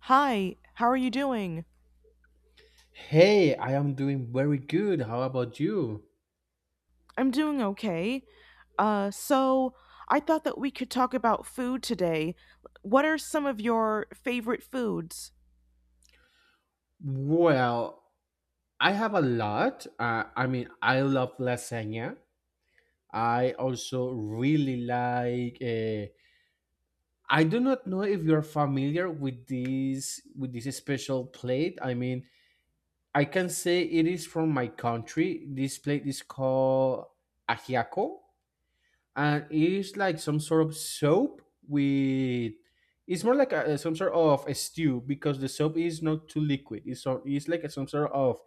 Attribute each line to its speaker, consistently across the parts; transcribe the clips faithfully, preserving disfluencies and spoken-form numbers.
Speaker 1: Hi, how are you doing?
Speaker 2: Hey, I am doing very good. How about you?
Speaker 1: I'm doing okay. Uh, so I thought that we could talk about food today. What are some of your favorite foods?
Speaker 2: Well, I have a lot. Uh, I mean, I love lasagna. I also really like. Uh, I do not know if you're familiar with this with this special plate. I mean, I can say it is from my country. This plate is called ajiaco, and it is like some sort of soap with it's more like a, some sort of a stew because the soap is not too liquid it's so it's like some sort of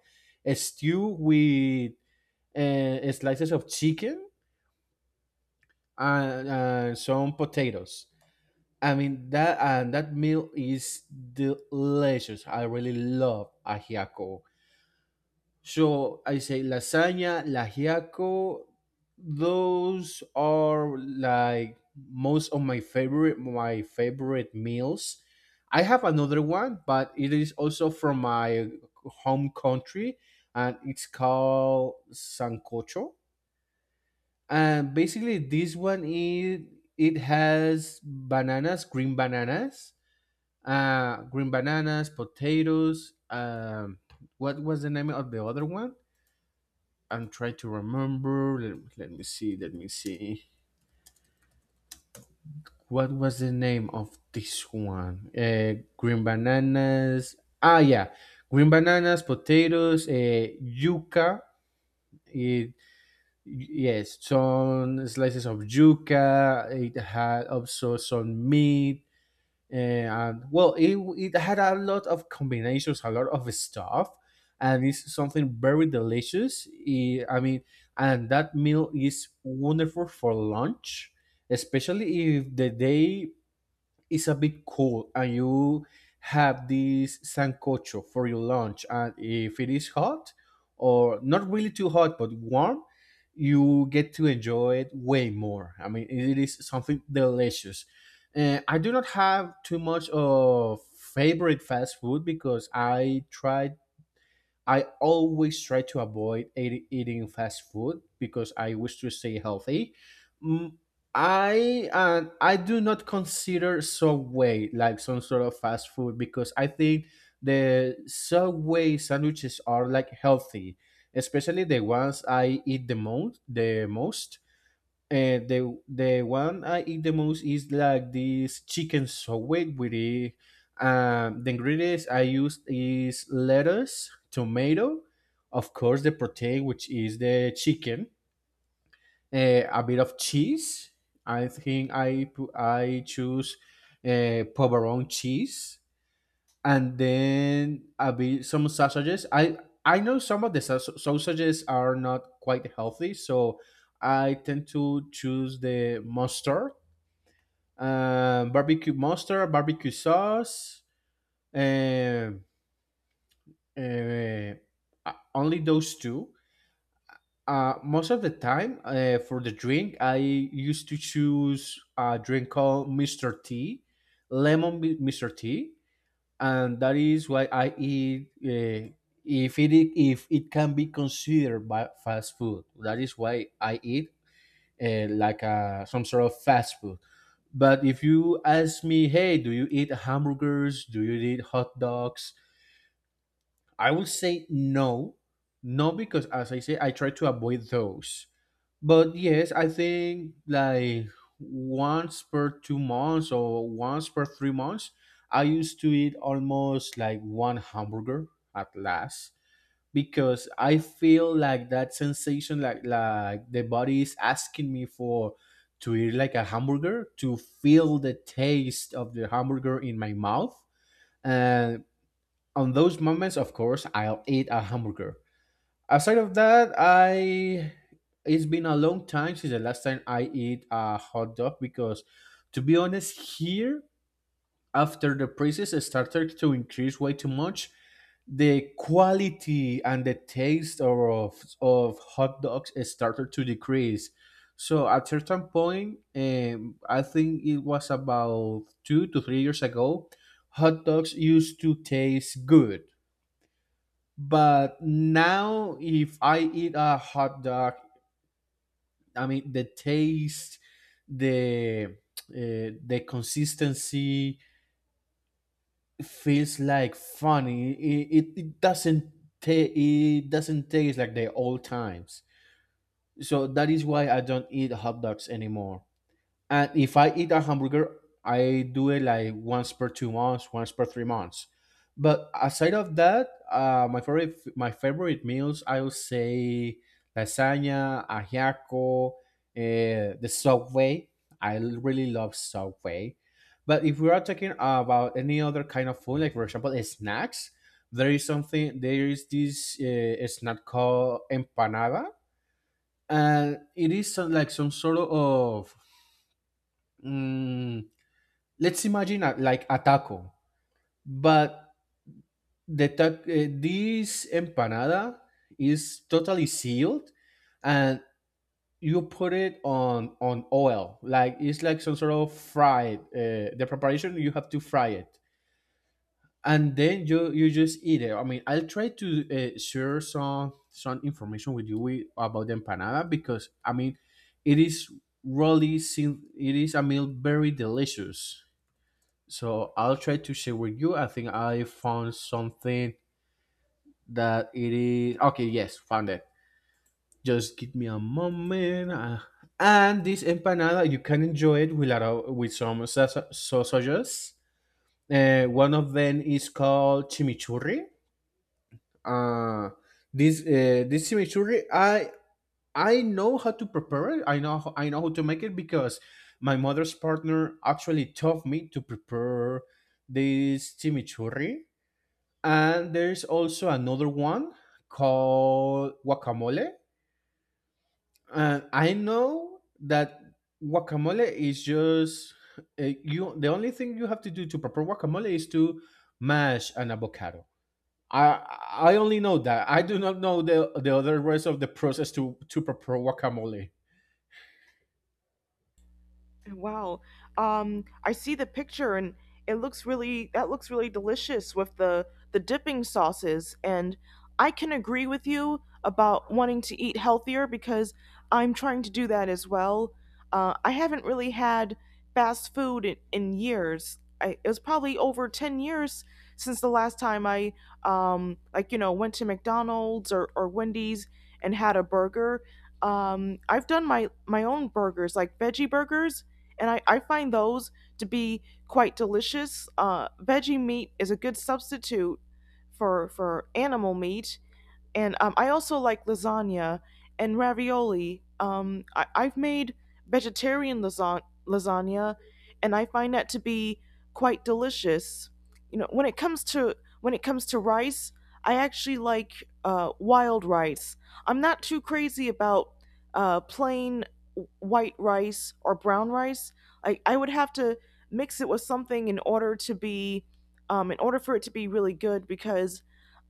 Speaker 2: a stew with uh, slices of chicken and, and some potatoes. I mean that and that meal is delicious. I really love ajiaco. So I say lasagna, lagiaco. Those are like most of my favorite my favorite meals. I have another one, but it is also from my home country, and it's called sancocho. And basically, this one is it has bananas, green bananas, uh, green bananas, potatoes. Um, what was the name of the other one? I'm trying to remember. Let, let me see. Let me see. What was the name of this one? Uh, green bananas. Ah, yeah, green bananas, potatoes, uh, yuca. It Yes, some slices of yuca. It had also some meat, and well, it, it had a lot of combinations, a lot of stuff, and it's something very delicious. Eh, i mean and that meal is wonderful for lunch, especially if the day it's a bit cold and you have this sancocho for your lunch. And if it is hot, or not really too hot but warm, you get to enjoy it way more. I mean it is something delicious. uh, I do not have too much of favorite fast food because i tried I always try to avoid eat- eating fast food because I wish to stay healthy. Mm, I uh, I do not consider Subway like some sort of fast food because I think the Subway sandwiches are like healthy, especially the ones I eat the most. The most uh, the the one I eat the most is like this chicken soup with it. Um, the ingredients I use is lettuce, tomato, of course the protein which is the chicken, uh, a bit of cheese. I think I pu- I choose uh, pepperoni cheese, and then a bit some sausages. I I know some of the sau- sausages are not quite healthy, so I tend to choose the mustard, um, barbecue mustard, barbecue sauce, and uh, uh, only those two. Uh, most of the time, uh, for the drink, I used to choose a drink called mister T, lemon Mi- mister T. And that is why I eat. Uh, if it, if it can be considered by fast food, that is why I eat uh, like uh, some sort of fast food. But if you ask me, hey, do you eat hamburgers? Do you eat hot dogs? I will say no, no, because as I say, I try to avoid those. But yes, I think like once per two months or once per three months, I used to eat almost like one hamburger at last, because I feel like that sensation, like like the body is asking me for to eat like a hamburger, to feel the taste of the hamburger in my mouth, and on those moments, of course, I'll eat a hamburger. Aside of that, I it's been a long time since the last time I eat a hot dog because, to be honest, here after the prices started to increase way too much, the quality and the taste of of hot dogs started to decrease. So at certain point, um, I think it was about two to three years ago, hot dogs used to taste good. But now, if I eat a hot dog, I mean the taste, the uh, the consistency feels like funny. It, it, it doesn't ta- it doesn't taste like the old times. So that is why I don't eat hot dogs anymore. And if I eat a hamburger, I do it like once per two months, once per three months. But aside of that, uh, my favorite my favorite meals, I would say lasagna, ajiaco, uh, the Subway. I really love Subway. But if we are talking about any other kind of food, like for example snacks, there is something. There is this uh, snack called empanada, and it is some, like some sort of. Mm, let's imagine a, like a taco, but the ta- uh, this empanada is totally sealed, and you put it on on oil, like it's like some sort of fried. Uh, the preparation you have to fry it, and then you you just eat it. I mean, I'll try to uh, share some some information with you with, about the empanada because I mean, it is really sim- it is a meal very delicious. So I'll try to share with you. I think I found something that it is okay. Yes, found it. Just give me a moment. uh, and this empanada, you can enjoy it with a, lot of- with some sa- sausages. Uh, one of them is called chimichurri. Uh, this uh, this chimichurri, I I know how to prepare it. I know how, I know how to make it because my mother's partner actually taught me to prepare this chimichurri. And there's also another one called guacamole. And I know that guacamole is just uh, you. The only thing you have to do to prepare guacamole is to mash an avocado. I I only know that. I do not know the the other rest of the process to to prepare guacamole.
Speaker 1: Wow. Um, I see the picture and it looks really that looks really delicious with the the dipping sauces, and I can agree with you about wanting to eat healthier because I'm trying to do that as well. Uh, I haven't really had fast food in, in years. I, it was probably over ten years since the last time I um, like you know went to McDonald's or, or Wendy's and had a burger. Um, I've done my my own burgers like veggie burgers, and I, I find those to be quite delicious. Uh, veggie meat is a good substitute for for animal meat, and um, I also like lasagna and ravioli. Um, I, I've made vegetarian lasa- lasagna, and I find that to be quite delicious. You know, when it comes to when it comes to rice, I actually like uh, wild rice. I'm not too crazy about uh, plain w- white rice or brown rice. I, I would have to mix it with something in order to be um, in order for it to be really good because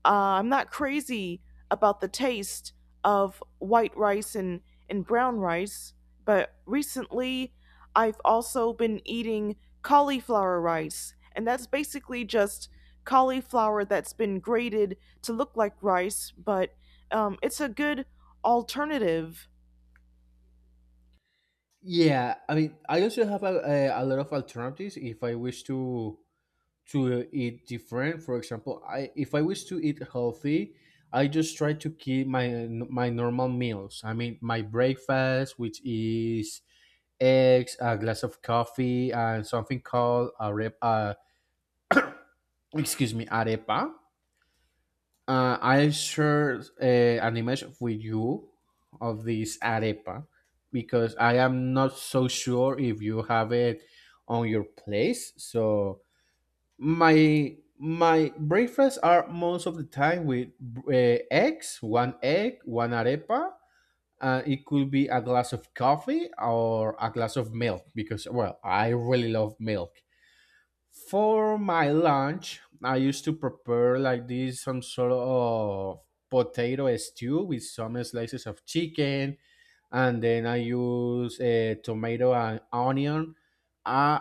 Speaker 1: uh, I'm not crazy about the taste of white rice and, and brown rice, but recently I've also been eating cauliflower rice, and that's basically just cauliflower that's been grated to look like rice, but um, it's a good alternative.
Speaker 2: Yeah, I mean, I also have a, a, a lot of alternatives if I wish to to eat different. For example, I if I wish to eat healthy, I just try to keep my my normal meals. I mean, my breakfast, which is eggs, a glass of coffee, and something called arepa. Uh, excuse me, arepa. Uh, I share uh, an image with you of this arepa because I am not so sure if you have it on your place. So My my breakfasts are most of the time with uh, eggs, one egg, one arepa. Uh, it could be a glass of coffee or a glass of milk because, well, I really love milk. For my lunch, I used to prepare like this some sort of potato stew with some slices of chicken, and then I use uh, tomato and onion. Uh,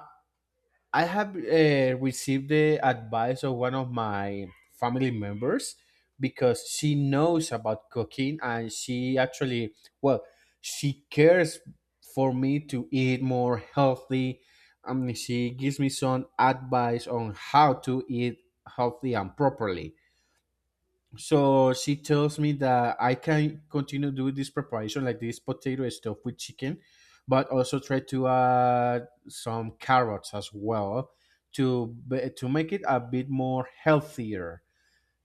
Speaker 2: I have uh, received the advice of one of my family members because she knows about cooking, and she actually, well, she cares for me to eat more healthy. I mean, she gives me some advice on how to eat healthy and properly. So she tells me that I can continue doing this preparation, like this potato stuff with chicken, but also try to add some carrots as well to be- to make it a bit more healthier.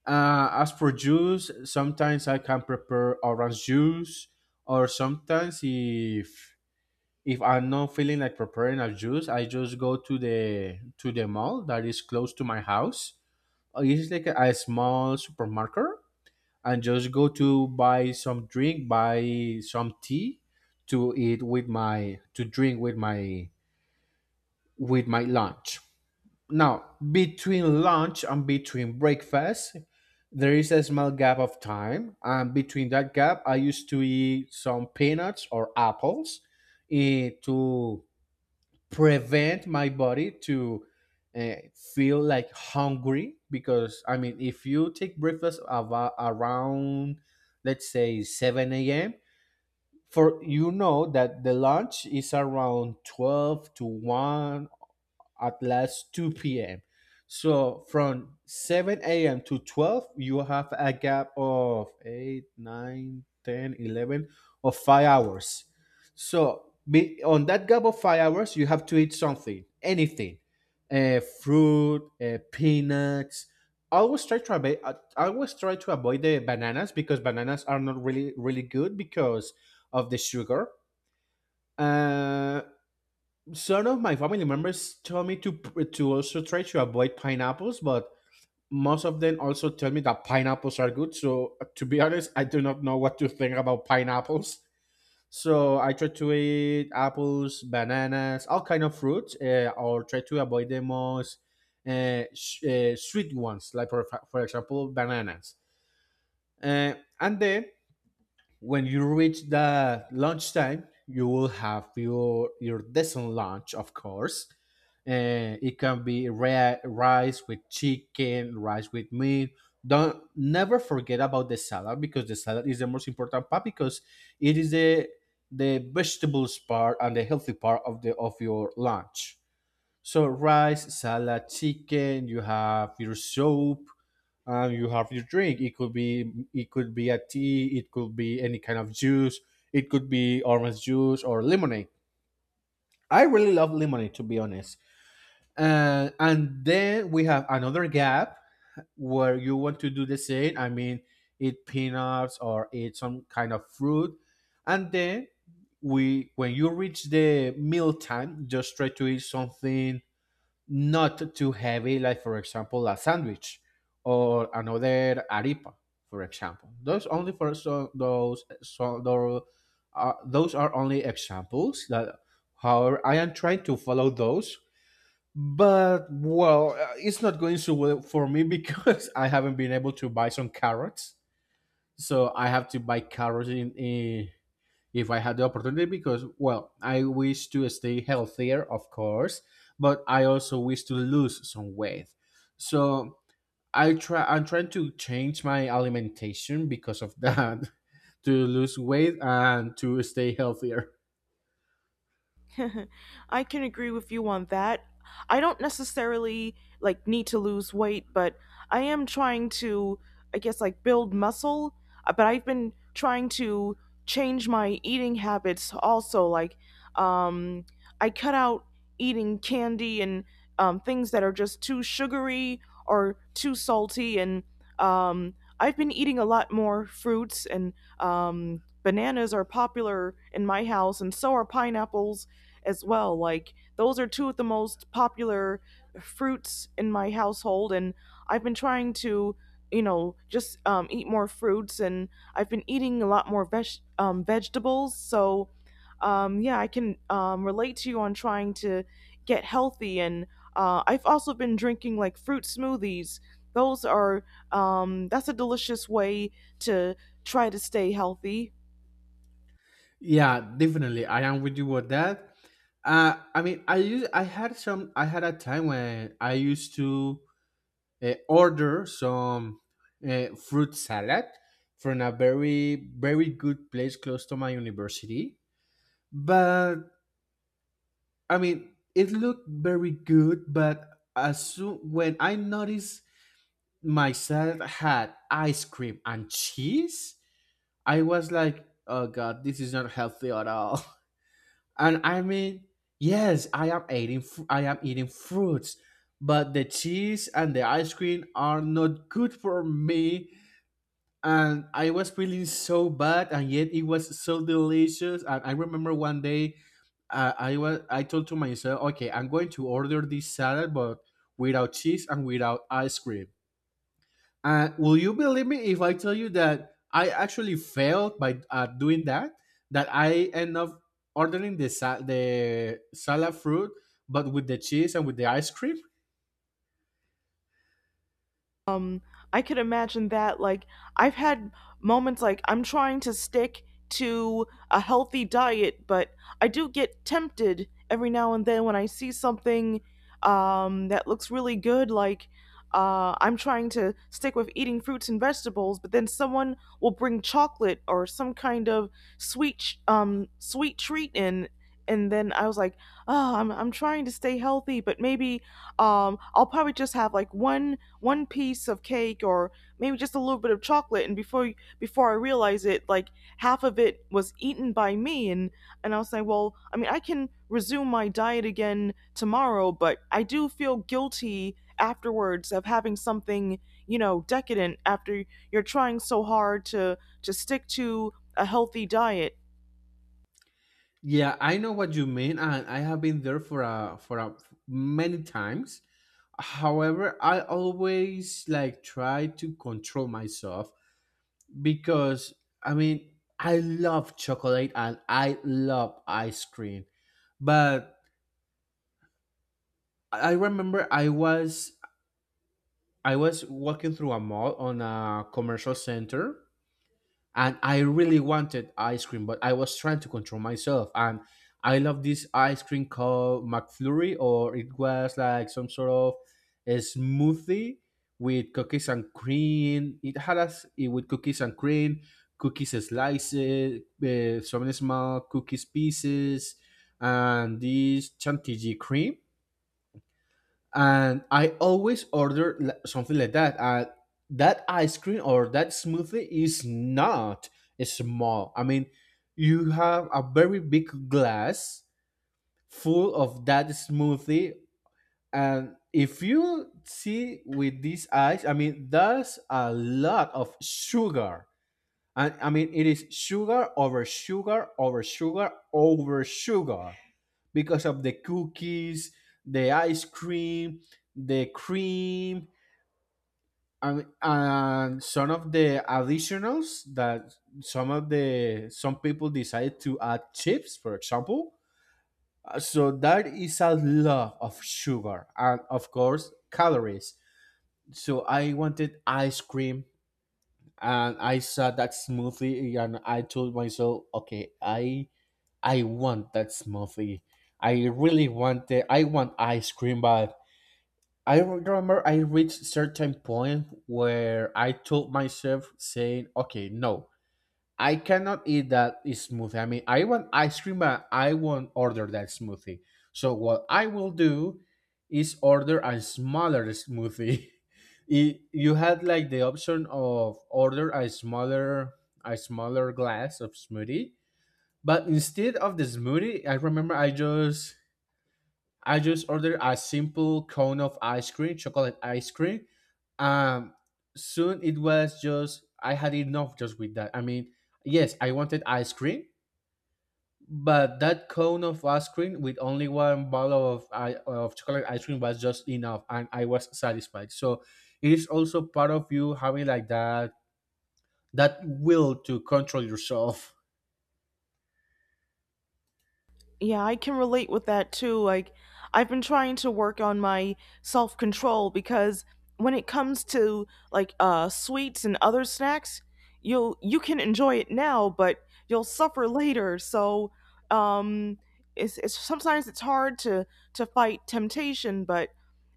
Speaker 2: Uh, as for juice, sometimes I can prepare orange juice, or sometimes if if I'm not feeling like preparing a juice, I just go to the to the mall that is close to my house. Uh, It's like a, a small supermarket, and just go to buy some drink, buy some tea to eat with my to drink with my with my lunch. Now, between lunch and between breakfast, there is a small gap of time, and between that gap, I used to eat some peanuts or apples eh, to prevent my body to uh, feel like hungry, because i mean if you take breakfast ava- around, let's say seven a.m, for you know that the lunch is around twelve to one, at last two p m. So from seven a m to twelve, you have a gap of eight, nine, ten, eleven, ten, of five hours. So be, on that gap of five hours, you have to eat something, anything, uh, fruit, uh, peanuts. I always try to avoid. I I always try to avoid the bananas because bananas are not really really good because of the sugar. Uh, some of my family members tell me to to also try to avoid pineapples, but most of them also tell me that pineapples are good. So to be honest, I do not know what to think about pineapples. So I try to eat apples, bananas, all kind of fruits, uh, or try to avoid the most uh, sh- uh, sweet ones, like for, for example bananas. Uh, and then when you reach the lunchtime, you will have your your decent lunch, of course. Uh, it can be ri- rice with chicken, rice with meat. Don't never forget about the salad because the salad is the most important part because it is the the vegetables part and the healthy part of the of your lunch. So rice, salad, chicken. You have your soup and you have your drink. It could be it could be a tea, it could be any kind of juice, it could be orange juice or lemonade. I really love lemonade, to be honest. Uh, and then we have another gap where you want to do the same. I mean, eat peanuts or eat some kind of fruit, and then we when you reach the meal time, just try to eat something not too heavy, like for example a sandwich or another arepa, for example. Those only for so those so those are, Those are only examples that, however, I am trying to follow. Those but well, uh, it's not going so well for me because I haven't been able to buy some carrots. So I have to buy carrots in, in if I had the opportunity because, well, I wish to stay healthier, of course, but I also wish to lose some weight. So I try. I'm trying to change my alimentation because of that, to lose weight and to stay healthier.
Speaker 1: I can agree with you on that. I don't necessarily like need to lose weight, but I am trying to I guess like build muscle. Uh, but I've been trying to change my eating habits also like um I cut out eating candy, and um things that are just too sugary or too salty, and um I've been eating a lot more fruits, and um bananas are popular in my house, and so are pineapples as well. Like those are two of the most popular fruits in my household, and I've been trying to, you know, just um, eat more fruits, and I've been eating a lot more veg- um, vegetables. So, um, yeah, I can um, relate to you on trying to get healthy, and uh, I've also been drinking like fruit smoothies. Those are um, that's a delicious way to try to stay healthy.
Speaker 2: Yeah, definitely. I am with you with that. Uh, I mean, I used I had some. I had a time when I used to uh, order some uh, fruit salad from a very very good place close to my university. But I mean, it looked very good, but as soon when I noticed my salad had ice cream and cheese, I was like, oh god, this is not healthy at all. And I mean, yes, i am eating fr- I am eating fruits, but the cheese and the ice cream are not good for me, and I was feeling so bad, and yet it was so delicious. And I remember one day, uh, I was I told to myself, okay, I'm going to order this salad, but without cheese and without ice cream. And will you believe me if I tell you that I actually failed by uh, doing that? That I end up ordering the sa- the salad fruit, but with the cheese and with the ice cream.
Speaker 1: I could imagine that. Like, I've had moments like I'm trying to stick to a healthy diet, but I do get tempted every now and then when I see something um, that looks really good. Like, uh, I'm trying to stick with eating fruits and vegetables, but then someone will bring chocolate or some kind of sweet, ch- um, sweet treat in. And then I was like, oh, I'm, I'm trying to stay healthy, but maybe um, I'll probably just have like one one piece of cake, or maybe just a little bit of chocolate, and before before I realize it, like half of it was eaten by me, and and I'll say, well, I mean, I can resume my diet again tomorrow, but I do feel guilty afterwards of having something, you know, decadent after you're trying so hard to to stick to a healthy diet.
Speaker 2: Yeah, I know what you mean, and I have been there for a for a many times. However, I always like try to control myself because I mean, I love chocolate and I love ice cream. But I remember I was I was walking through a mall on a commercial center and I really wanted ice cream, but I was trying to control myself. And I love this ice cream called McFlurry, or it was like some sort of a smoothie with cookies and cream. It had us it with cookies and cream, cookies slices, uh, some small cookies pieces, and this chantilly cream. And I always order li- something like that. And that ice cream or that smoothie is not small. I mean, you have a very big glass full of that smoothie, and if you see with these eyes, I mean, that's a lot of sugar. And I mean, it is sugar over sugar over sugar over sugar because of the cookies, the ice cream, the cream, and, and some of the additionals that some of the some people decide to add chips, for example. Uh, So that is a lot of sugar and of course calories. So I wanted ice cream and I saw that smoothie and I told myself, okay, I I want that smoothie. I really want it. I want ice cream, but I remember I reached certain point where I told myself saying, okay, no, I cannot eat that smoothie. I mean, I want ice cream, but I won't order that smoothie. So what I will do is order a smaller smoothie. It, you had like the option of order a smaller a smaller glass of smoothie, but instead of the smoothie, I remember I just I just ordered a simple cone of ice cream, chocolate ice cream. Um, Soon it was just I had enough just with that. I mean, yes, I wanted ice cream, but that cone of ice cream with only one bottle of i- of chocolate ice cream was just enough, and I was satisfied. So it is also part of you having like that that will to control yourself.
Speaker 1: Yeah, I can relate with that too. Like, I've been trying to work on my self control, because when it comes to like uh, sweets and other snacks, you'll you can enjoy it now, but you'll suffer later. So, um, it's, it's sometimes it's hard to to fight temptation, but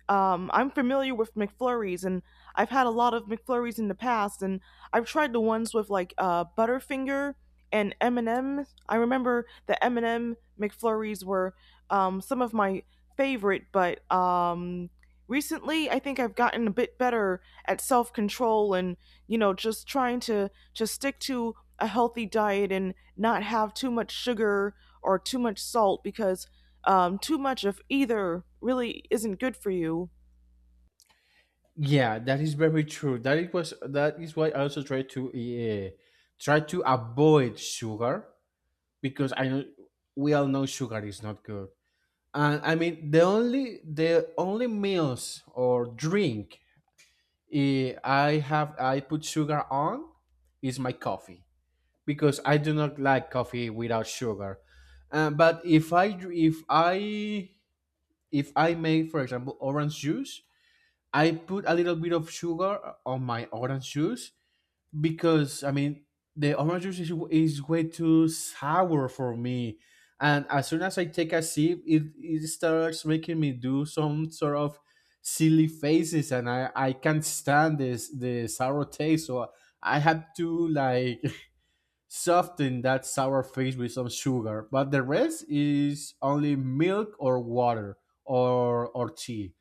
Speaker 1: um, I'm familiar with McFlurries, and I've had a lot of McFlurries in the past, and I've tried the ones with like uh, Butterfinger and M and M. I remember the M and M McFlurries were um, some of my favorite, but um, recently I think I've gotten a bit better at self control, and you know just trying to to stick to a healthy diet and not have too much sugar or too much salt because um, too much of either really isn't good for you.
Speaker 2: Yeah, that is very true. That it was That is why I also try to uh, try to avoid sugar because I know we all know sugar is not good. And I mean, the only the only meals or drink eh, I have I put sugar on is my coffee because I do not like coffee without sugar. Uh, but if I dr- if I if I make, for example, orange juice, I put a little bit of sugar on my orange juice because I mean, the orange juice is, is way too sour for me, and as soon as I take a sip, it, it starts making me do some sort of silly faces, and I I can't stand this the sour taste, so I have to like soften that sour face with some sugar. But the rest is only milk or water or or tea.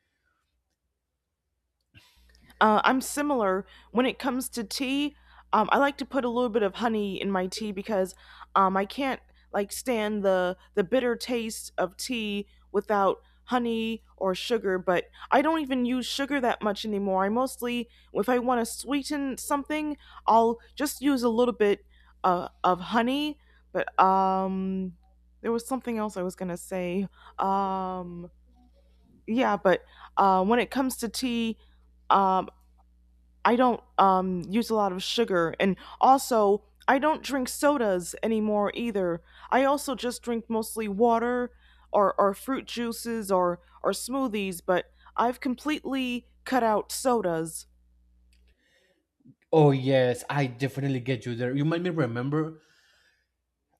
Speaker 1: Uh, I'm similar when it comes to tea. Um, I like to put a little bit of honey in my tea because um, I can't like stand the the bitter taste of tea without honey or sugar. But I don't even use sugar that much anymore. I mostly, if I want to sweeten something, I'll just use a little bit uh, of honey. But um, there was something else I was gonna say. Um, yeah, but uh, when it comes to tea, um, I don't um, use a lot of sugar, and also I don't drink sodas anymore either. I also just drink mostly water or or fruit juices or or smoothies, but I've completely cut out sodas.
Speaker 2: Oh yes, I definitely get you there. You made me remember.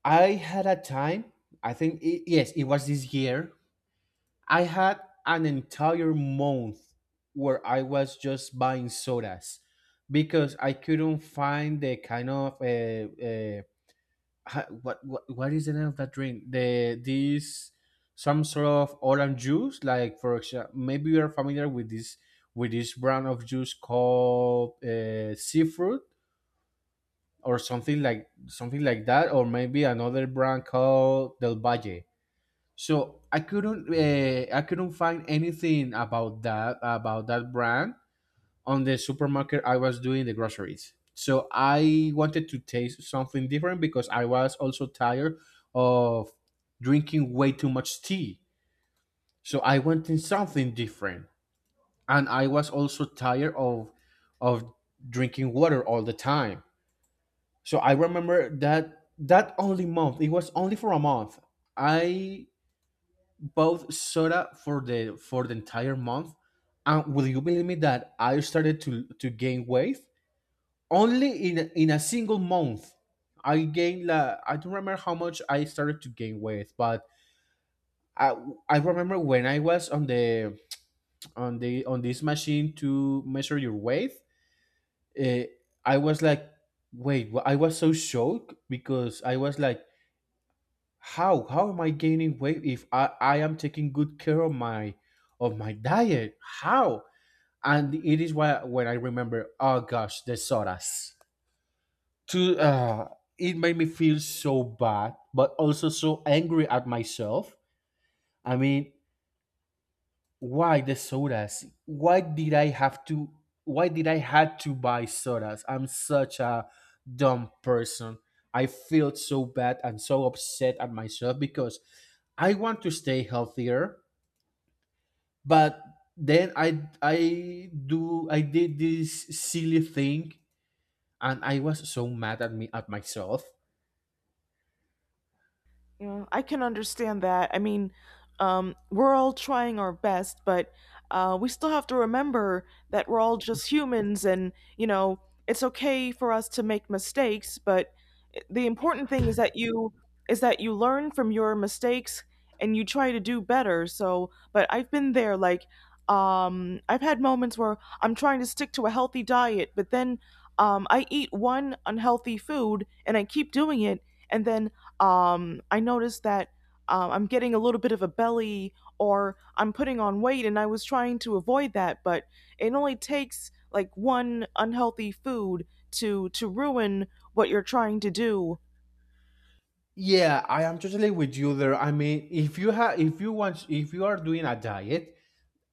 Speaker 2: I had a time. I think it, yes, it was this year. I had an entire month where I was just buying sodas because I couldn't find the kind of uh, uh, what what what is the name of that drink? The this Some sort of orange juice, like for example, maybe you are familiar with this with this brand of juice called uh, seafood, or something like something like that, or maybe another brand called Del Valle. So I couldn't uh, I couldn't find anything about that about that brand on the supermarket I was doing the groceries. So I wanted to taste something different because I was also tired of drinking way too much tea. So I wanted something different, and I was also tired of of drinking water all the time. So I remember that that only month. It was only for a month. I bought soda for the for the entire month, and will you believe me that I started to to gain weight only in a- in a single month? I gained la I don't remember how much I started to gain weight, but I I remember when I was on the on the on this machine to measure your weight. Uh, I was like, wait, wh- I was so shocked because I was like, how how am I gaining weight if i i am taking good care of my of my diet, how? And it is why when I remember, oh gosh, the sodas. To uh It made me feel so bad but also so angry at myself. I mean, why the sodas? Why did I have to? Why did I had to buy sodas? I'm such a dumb person. I feel so bad and so upset at myself because I want to stay healthier, but then i i do I did this silly thing and I was so mad at me at myself.
Speaker 1: You know, I can understand that. I mean, um, we're all trying our best, but uh, we still have to remember that we're all just humans, and you know, it's okay for us to make mistakes, but the important thing is that you is that you learn from your mistakes and you try to do better. So but I've been there, like, um I've had moments where I'm trying to stick to a healthy diet, but then um I eat one unhealthy food and I keep doing it, and then um I notice that um, I'm getting a little bit of a belly or I'm putting on weight, and I was trying to avoid that, but it only takes like one unhealthy food to to ruin what you're trying to do.
Speaker 2: Yeah, I am totally with you there. I mean, if you have, if you want, if you are doing a diet,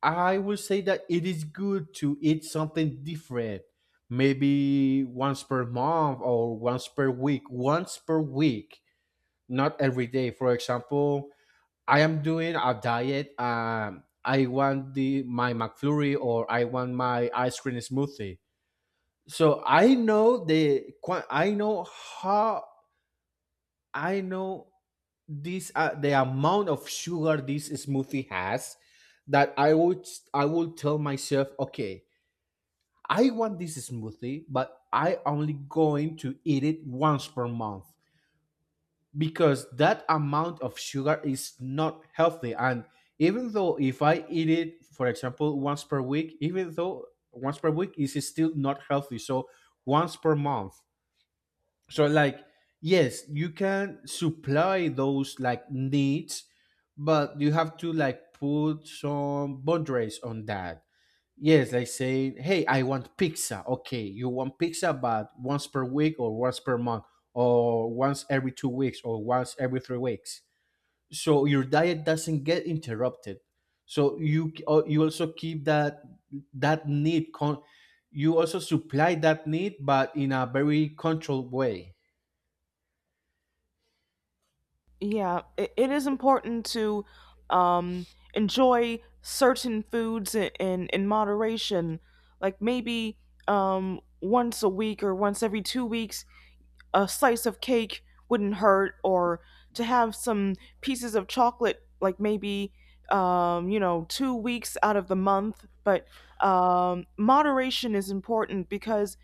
Speaker 2: I will say that it is good to eat something different, maybe once per month or once per week. Once per week, not every day. For example, I am doing a diet. Um, I want the my McFlurry or I want my ice cream smoothie. So I know the qua- I know how I know this, uh, the amount of sugar this smoothie has, that I would I would tell myself, okay, I want this smoothie, but I only going to eat it once per month because that amount of sugar is not healthy. And even though if I eat it, for example, once per week, even though once per week is still not healthy. So once per month. So like yes, you can supply those like needs, but you have to like put some boundaries on that. Yes, they say, hey, I want pizza. Okay, you want pizza, but once per week or once per month or once every two weeks or once every three weeks. So your diet doesn't get interrupted. So you uh, you also keep that that need con- you also supply that need, but in a very controlled way.
Speaker 1: Yeah, it, it is important to um, enjoy certain foods in, in, in moderation. Like maybe um, once a week or once every two weeks, a slice of cake wouldn't hurt, or to have some pieces of chocolate, like maybe, um, you know, two weeks out of the month. But um, moderation is important because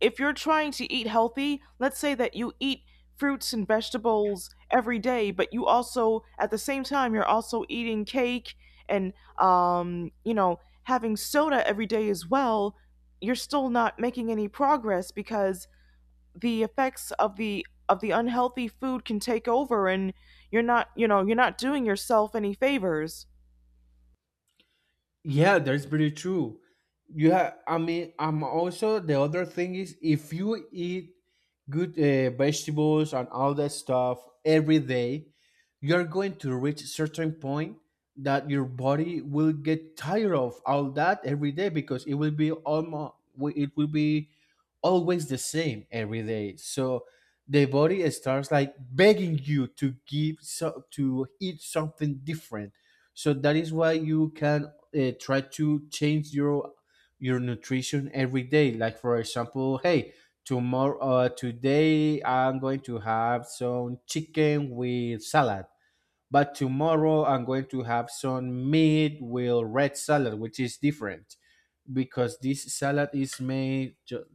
Speaker 1: if you're trying to eat healthy, let's say that you eat fruits and vegetables every day, but you also, at the same time, you're also eating cake and, um, you know, having soda every day as well, you're still not making any progress because the effects of the of the unhealthy food can take over, and you're not, you know, you're not doing yourself any favors.
Speaker 2: Yeah, that's pretty true. You have, I mean, I'm also, the other thing is, if you eat good uh, vegetables and all that stuff every day, you're going to reach a certain point that your body will get tired of all that every day, because it will be almost, it will be always the same every day. So the body starts like begging you to give so to eat something different. So that is why you can uh, try to change your your nutrition every day. Like for example, hey, tomorrow uh, today I'm going to have some chicken with salad, but tomorrow I'm going to have some meat with red salad, which is different because this salad is made ju-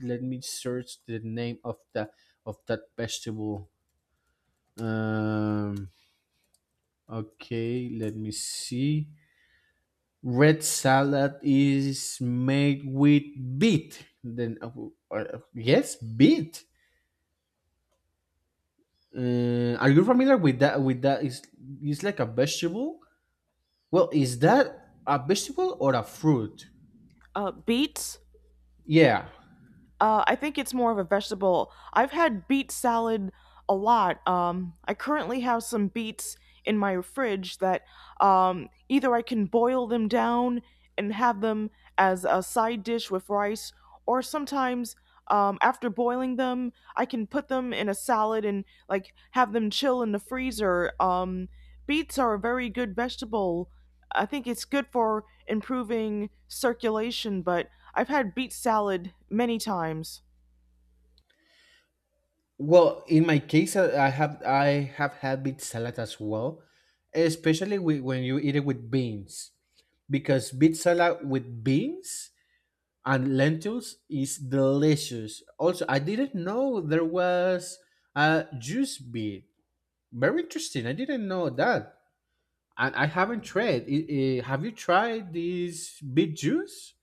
Speaker 2: let me search the name of the of that vegetable. Um okay let me see Red salad is made with beet. Then uh, uh, yes, beet. Uh, are you familiar with that? With that is, it's like a vegetable. Well, is that a vegetable or a fruit?
Speaker 1: uh, Beets.
Speaker 2: Yeah.
Speaker 1: Uh, I think it's more of a vegetable. I've had beet salad a lot. Um, I currently have some beets in my fridge that um, either I can boil them down and have them as a side dish with rice, or sometimes um, after boiling them, I can put them in a salad and like have them chill in the freezer. Um, beets are a very good vegetable. I think it's good for improving circulation, but I've had beet salad many times.
Speaker 2: Well, in my case, I I have I have had beet salad as well, especially with, when you eat it with beans, because beet salad with beans and lentils is delicious. Also, I didn't know there was a juice beet. Very interesting. I didn't know that. And I haven't tried it. Eh, have you tried this beet juice?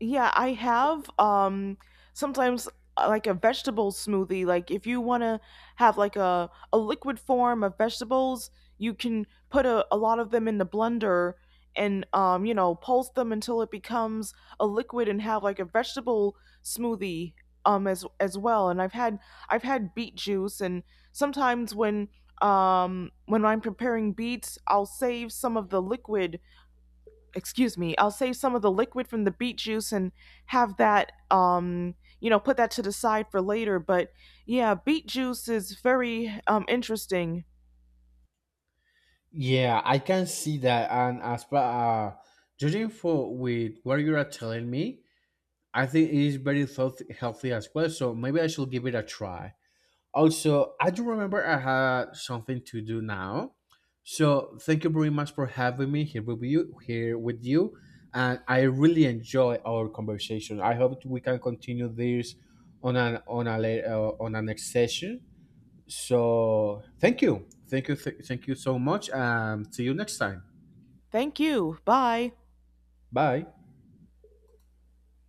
Speaker 1: Yeah, I have. Um, sometimes uh, like a vegetable smoothie. Like if you want to have like a a liquid form of vegetables, you can put a, a lot of them in the blender, and um, you know pulse them until it becomes a liquid and have like a vegetable smoothie um as as well. And I've had I've had beet juice, and sometimes when um when I'm preparing beets, I'll save some of the liquid excuse me, I'll save some of the liquid from the beet juice and have that, um, you know, put that to the side for later. But yeah, beet juice is very um, interesting.
Speaker 2: Yeah, I can see that. And as per, uh, judging for with what you are telling me, I think it is very health- healthy as well. So maybe I should give it a try. Also, I do remember I had something to do now. So thank you very much for having me here with you here with you. And I really enjoy our conversation. I hope we can continue this on an on a la- uh, on a next session. So thank you, thank you, th- thank you so much, and see you next time.
Speaker 1: Thank you. Bye.
Speaker 2: Bye.